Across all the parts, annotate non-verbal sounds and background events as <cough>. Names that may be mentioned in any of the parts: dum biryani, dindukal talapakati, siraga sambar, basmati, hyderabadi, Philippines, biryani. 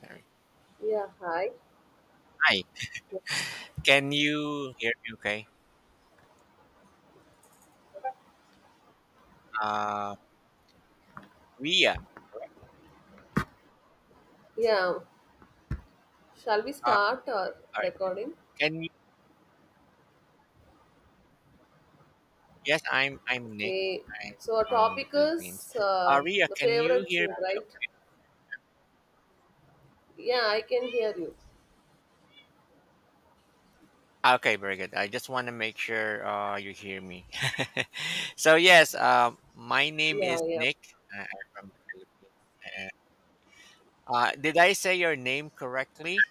Sorry. Yeah, hi. Hi. Can you hear me okay? Uh, Ria. Yeah, shall we All start our right. recording? Can you? I'm Nick. Okay, I'm so our from the topic Philippines. is Ria, the can you favorite hear food, me? right? Yeah, I can hear you. Oh, Okay, very good. I just want to make sure you hear me. <laughs> So my name is Yeah, yeah. Nick. I'm from the Philippines. And, did I say your name correctly?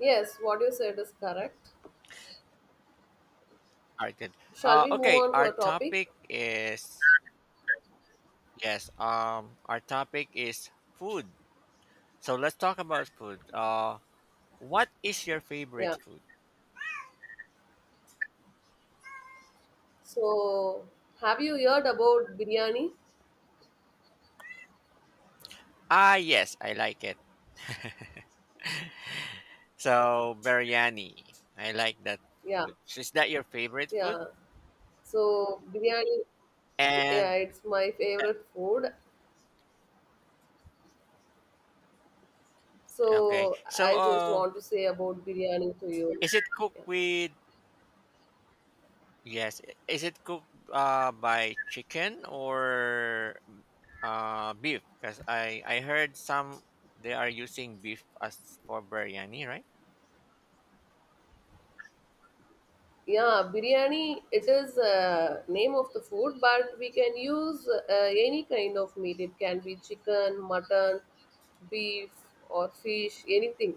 Yes, what you said is correct. All right, good. Shall we move Okay, on to our a topic? topic is yes. Our topic is food. So let's talk about food. What is your Yeah. favorite food? So, have you heard about biryani? Ah, yes, I like it. <laughs> So biryani, I like that Yeah, food. So is that your favorite food? yeah. So, biryani, yeah, And it's my favorite food. Okay, So, so I just want to say about biryani to you. Is it cooked Yeah. with? Is it cooked by chicken or beef? Because I heard some they are using beef as for biryani, right? Yeah, biryani, it is name of the food, but we can use any kind of meat. It can be chicken, mutton, beef, or fish, anything.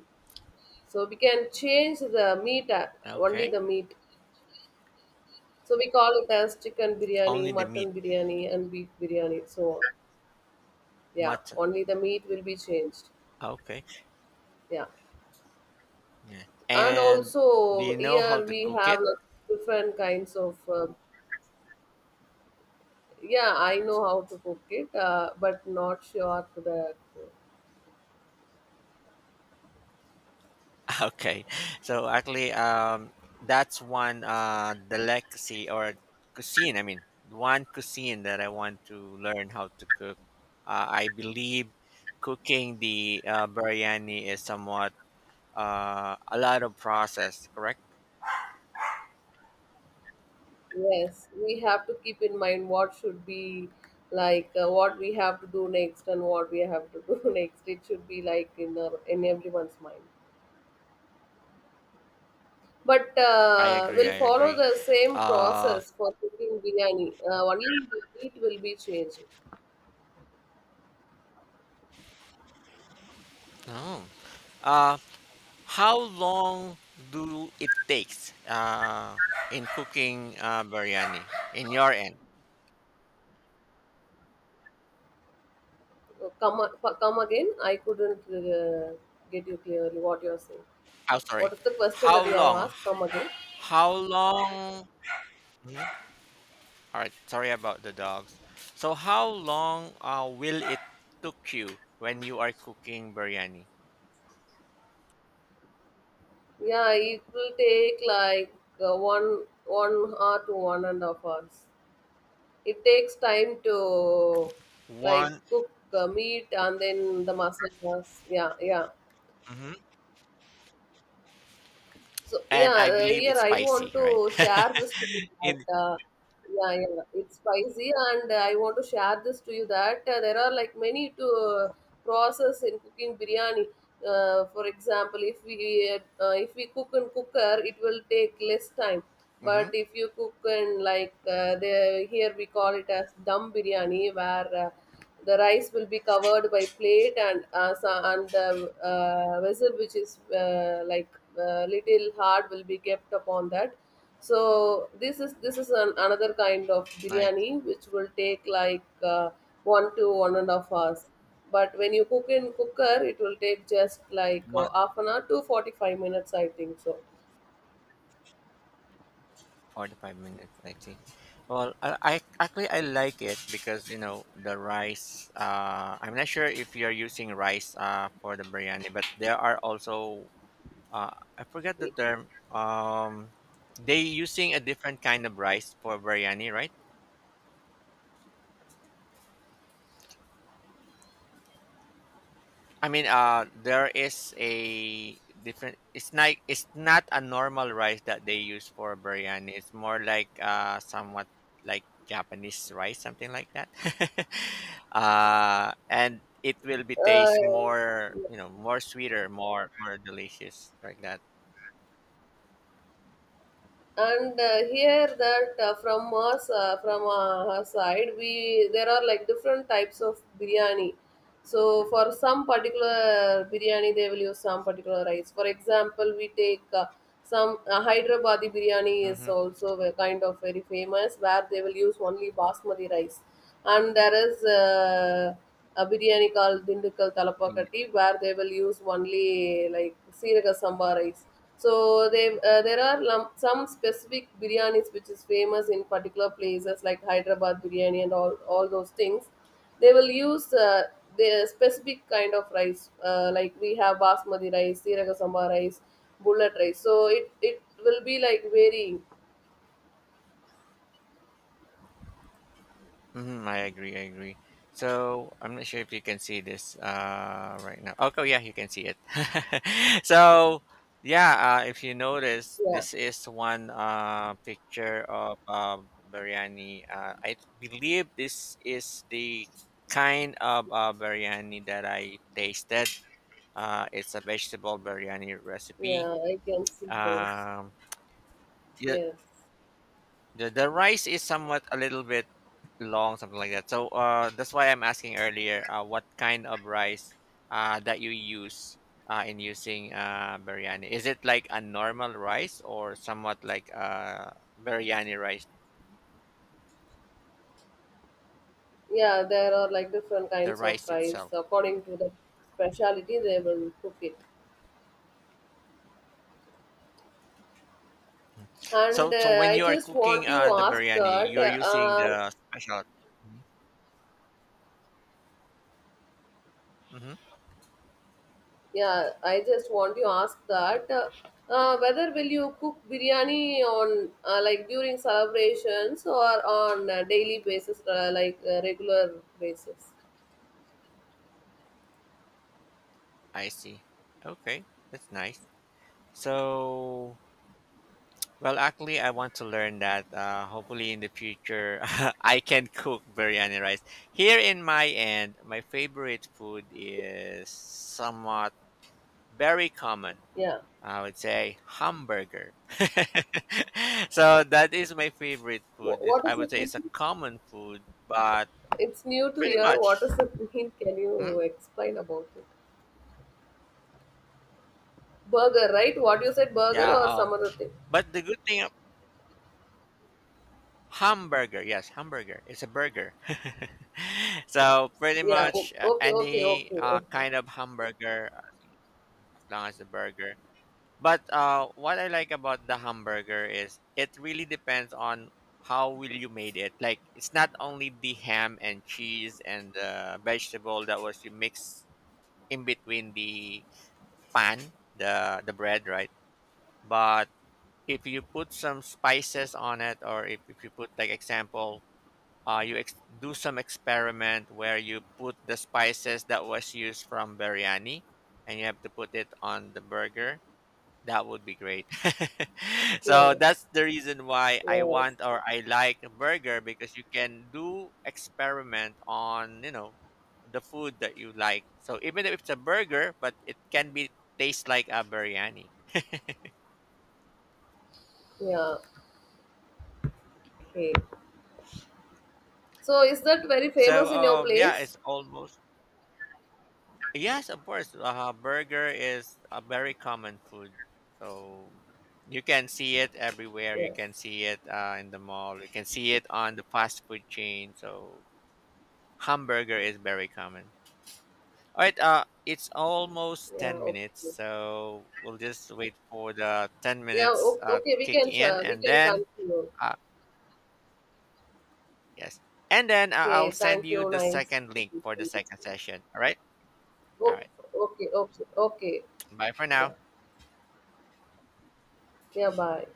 So we can change the meat, only Okay, the meat. So we call it as chicken biryani, only the meat, mutton biryani, and beef biryani, so on. Yeah, mutton. only the meat will be changed. Okay. Yeah. Yeah. And And do you also, know how here to we cook have it? like, different kinds of yeah, I know how to cook it, but not sure to the. <laughs> Okay. So actually, um, that's one delicacy or cuisine. I mean, one cuisine that I want to learn how to cook. I believe cooking the biryani is somewhat a lot of process. Correct? Yes, we have to keep in mind what should be like what we have to do next and what we have to <laughs> do next. It should be like in our, in everyone's mind. But I agree. I we'll follow agree. the same Uh, process for cooking biryani. Only the meat will be changed. oh. Uh. How long do it takes in cooking biryani in your end? Come, come again. I couldn't get you clearly what you're saying. Oh, sorry. What is the question that How you have long? asked? Come again. How long? Mhm. All right. Sorry about the dogs. So, how long will it took you when you are cooking biryani? Yeah, it will take like one hour to 1.5 hours. It takes time to like One, cook meat and then the masala. Yeah, yeah. mhm, So and yeah, I believe here it's I want spicy, right? to share this to you <laughs> in, that yeah, yeah, it's spicy, and I want to share this to you that there are like many to process in cooking biryani. For example, if we cook in cooker, it will take less time. But mm-hmm, if you cook in like the here we call it as dum biryani, where the rice will be covered by plate and and the vessel which is like little hard will be kept upon that. So this is an, another kind of nice. biryani which will take like 1 to 1.5 hours. But when you cook in cooker, it will take just like half an hour to 45 minutes, I think so. 45 minutes I think. Well, I actually I like it because you know the rice, I'm not sure if you're using rice for the biryani, but there are also uh I forget the term. They using a different kind of rice for biryani, right? There is a different. It's not. It's not a normal rice that they use for biryani. It's more like somewhat like Japanese rice, something like that. <laughs> And it will be taste Uh, more, you know, more sweeter, more delicious, like that. and here that from us from her side we there are like different types of biryani, so for some particular biryani they will use some particular rice. For example, we take some hyderabadi biryani is Mm-hmm. also a kind of very famous where they will use only basmati rice, and there is a biryani called dindukal talapakati where they will use only like siraga sambar rice. So they, there are some specific biryanis which is famous in particular places like Hyderabad biryani and all those things. They will use the specific kind of rice. Like we have basmati rice, siraga samba rice, bullet rice. So it will be like very, Hmm, I agree. I agree. So I'm not sure if you can see this right now. Okay, yeah, you can see it. <laughs> So yeah, if you notice, yeah, this is one picture of biryani. I believe this is the kind of biryani that I tasted. It's a vegetable biryani recipe. yeah, I can see those. Um, you, Yes. the rice is somewhat a little bit long, something like that. So that's why I'm asking earlier what kind of rice that you use in using biryani. Is it like a normal rice or somewhat like biryani rice, Yeah, there are like different the kinds of rice rice. itself? According to the speciality, they will cook it. And So when I you are just want cooking you the ask biryani, that, you are using the special. Mm-hmm. yeah, I just want you ask that, whether will you cook biryani on like during celebrations or on a daily basis, like regular basis? I see. Okay, that's nice. So, well, actually, I want to learn that. Hopefully, in the future, <laughs> I can cook biryani rice. Here in my end, my favorite food is somewhat very common. Yeah. I would say hamburger. <laughs> So that is my favorite food. What I does would it say mean? it's a common food, but It's new to pretty hear. What much, does it <laughs> mean? Can hmm? you explain about it? Burger, right? What you said, burger Yeah. or some other thing? But the good thing Hamburger, yes, hamburger. It's a burger. <laughs> So pretty Yeah. Much Okay. Okay. any Okay. Okay. kind of hamburger, as long as a burger. But what I like about the hamburger is it really depends on how will you made it. Like it's not only the ham and cheese and the vegetable that was you mix in between the pan, the bread, right? But if you put some spices on it, or if you put like example you do some experiment where you put the spices that was used from biryani, and you have to put it on the burger, that would be great. <laughs> So Yeah. that's the reason why I Yes. want, or I like a burger, because you can do experiment on, you know, the food that you like. So even if it's a burger, but it can be taste like a biryani. Yeah. Okay. So is that very So famous in your yeah place? it's almost Yes, of course. Burger is a very common food. So you can see it everywhere. You Yes. can see it in the mall. You can see it on the fast food chain. So hamburger is very common. All right. It's almost Yeah. 10 Okay. minutes. So we'll just wait for the 10 Yeah, minutes okay, to we kick can in. share, we can continue. uh, yes. And then Okay, I'll send thank you you. the Nice second link speaking for to the you. second session. All right. All O- right. Okay, okay, okay. Bye for now. Yeah. Yeah, bye.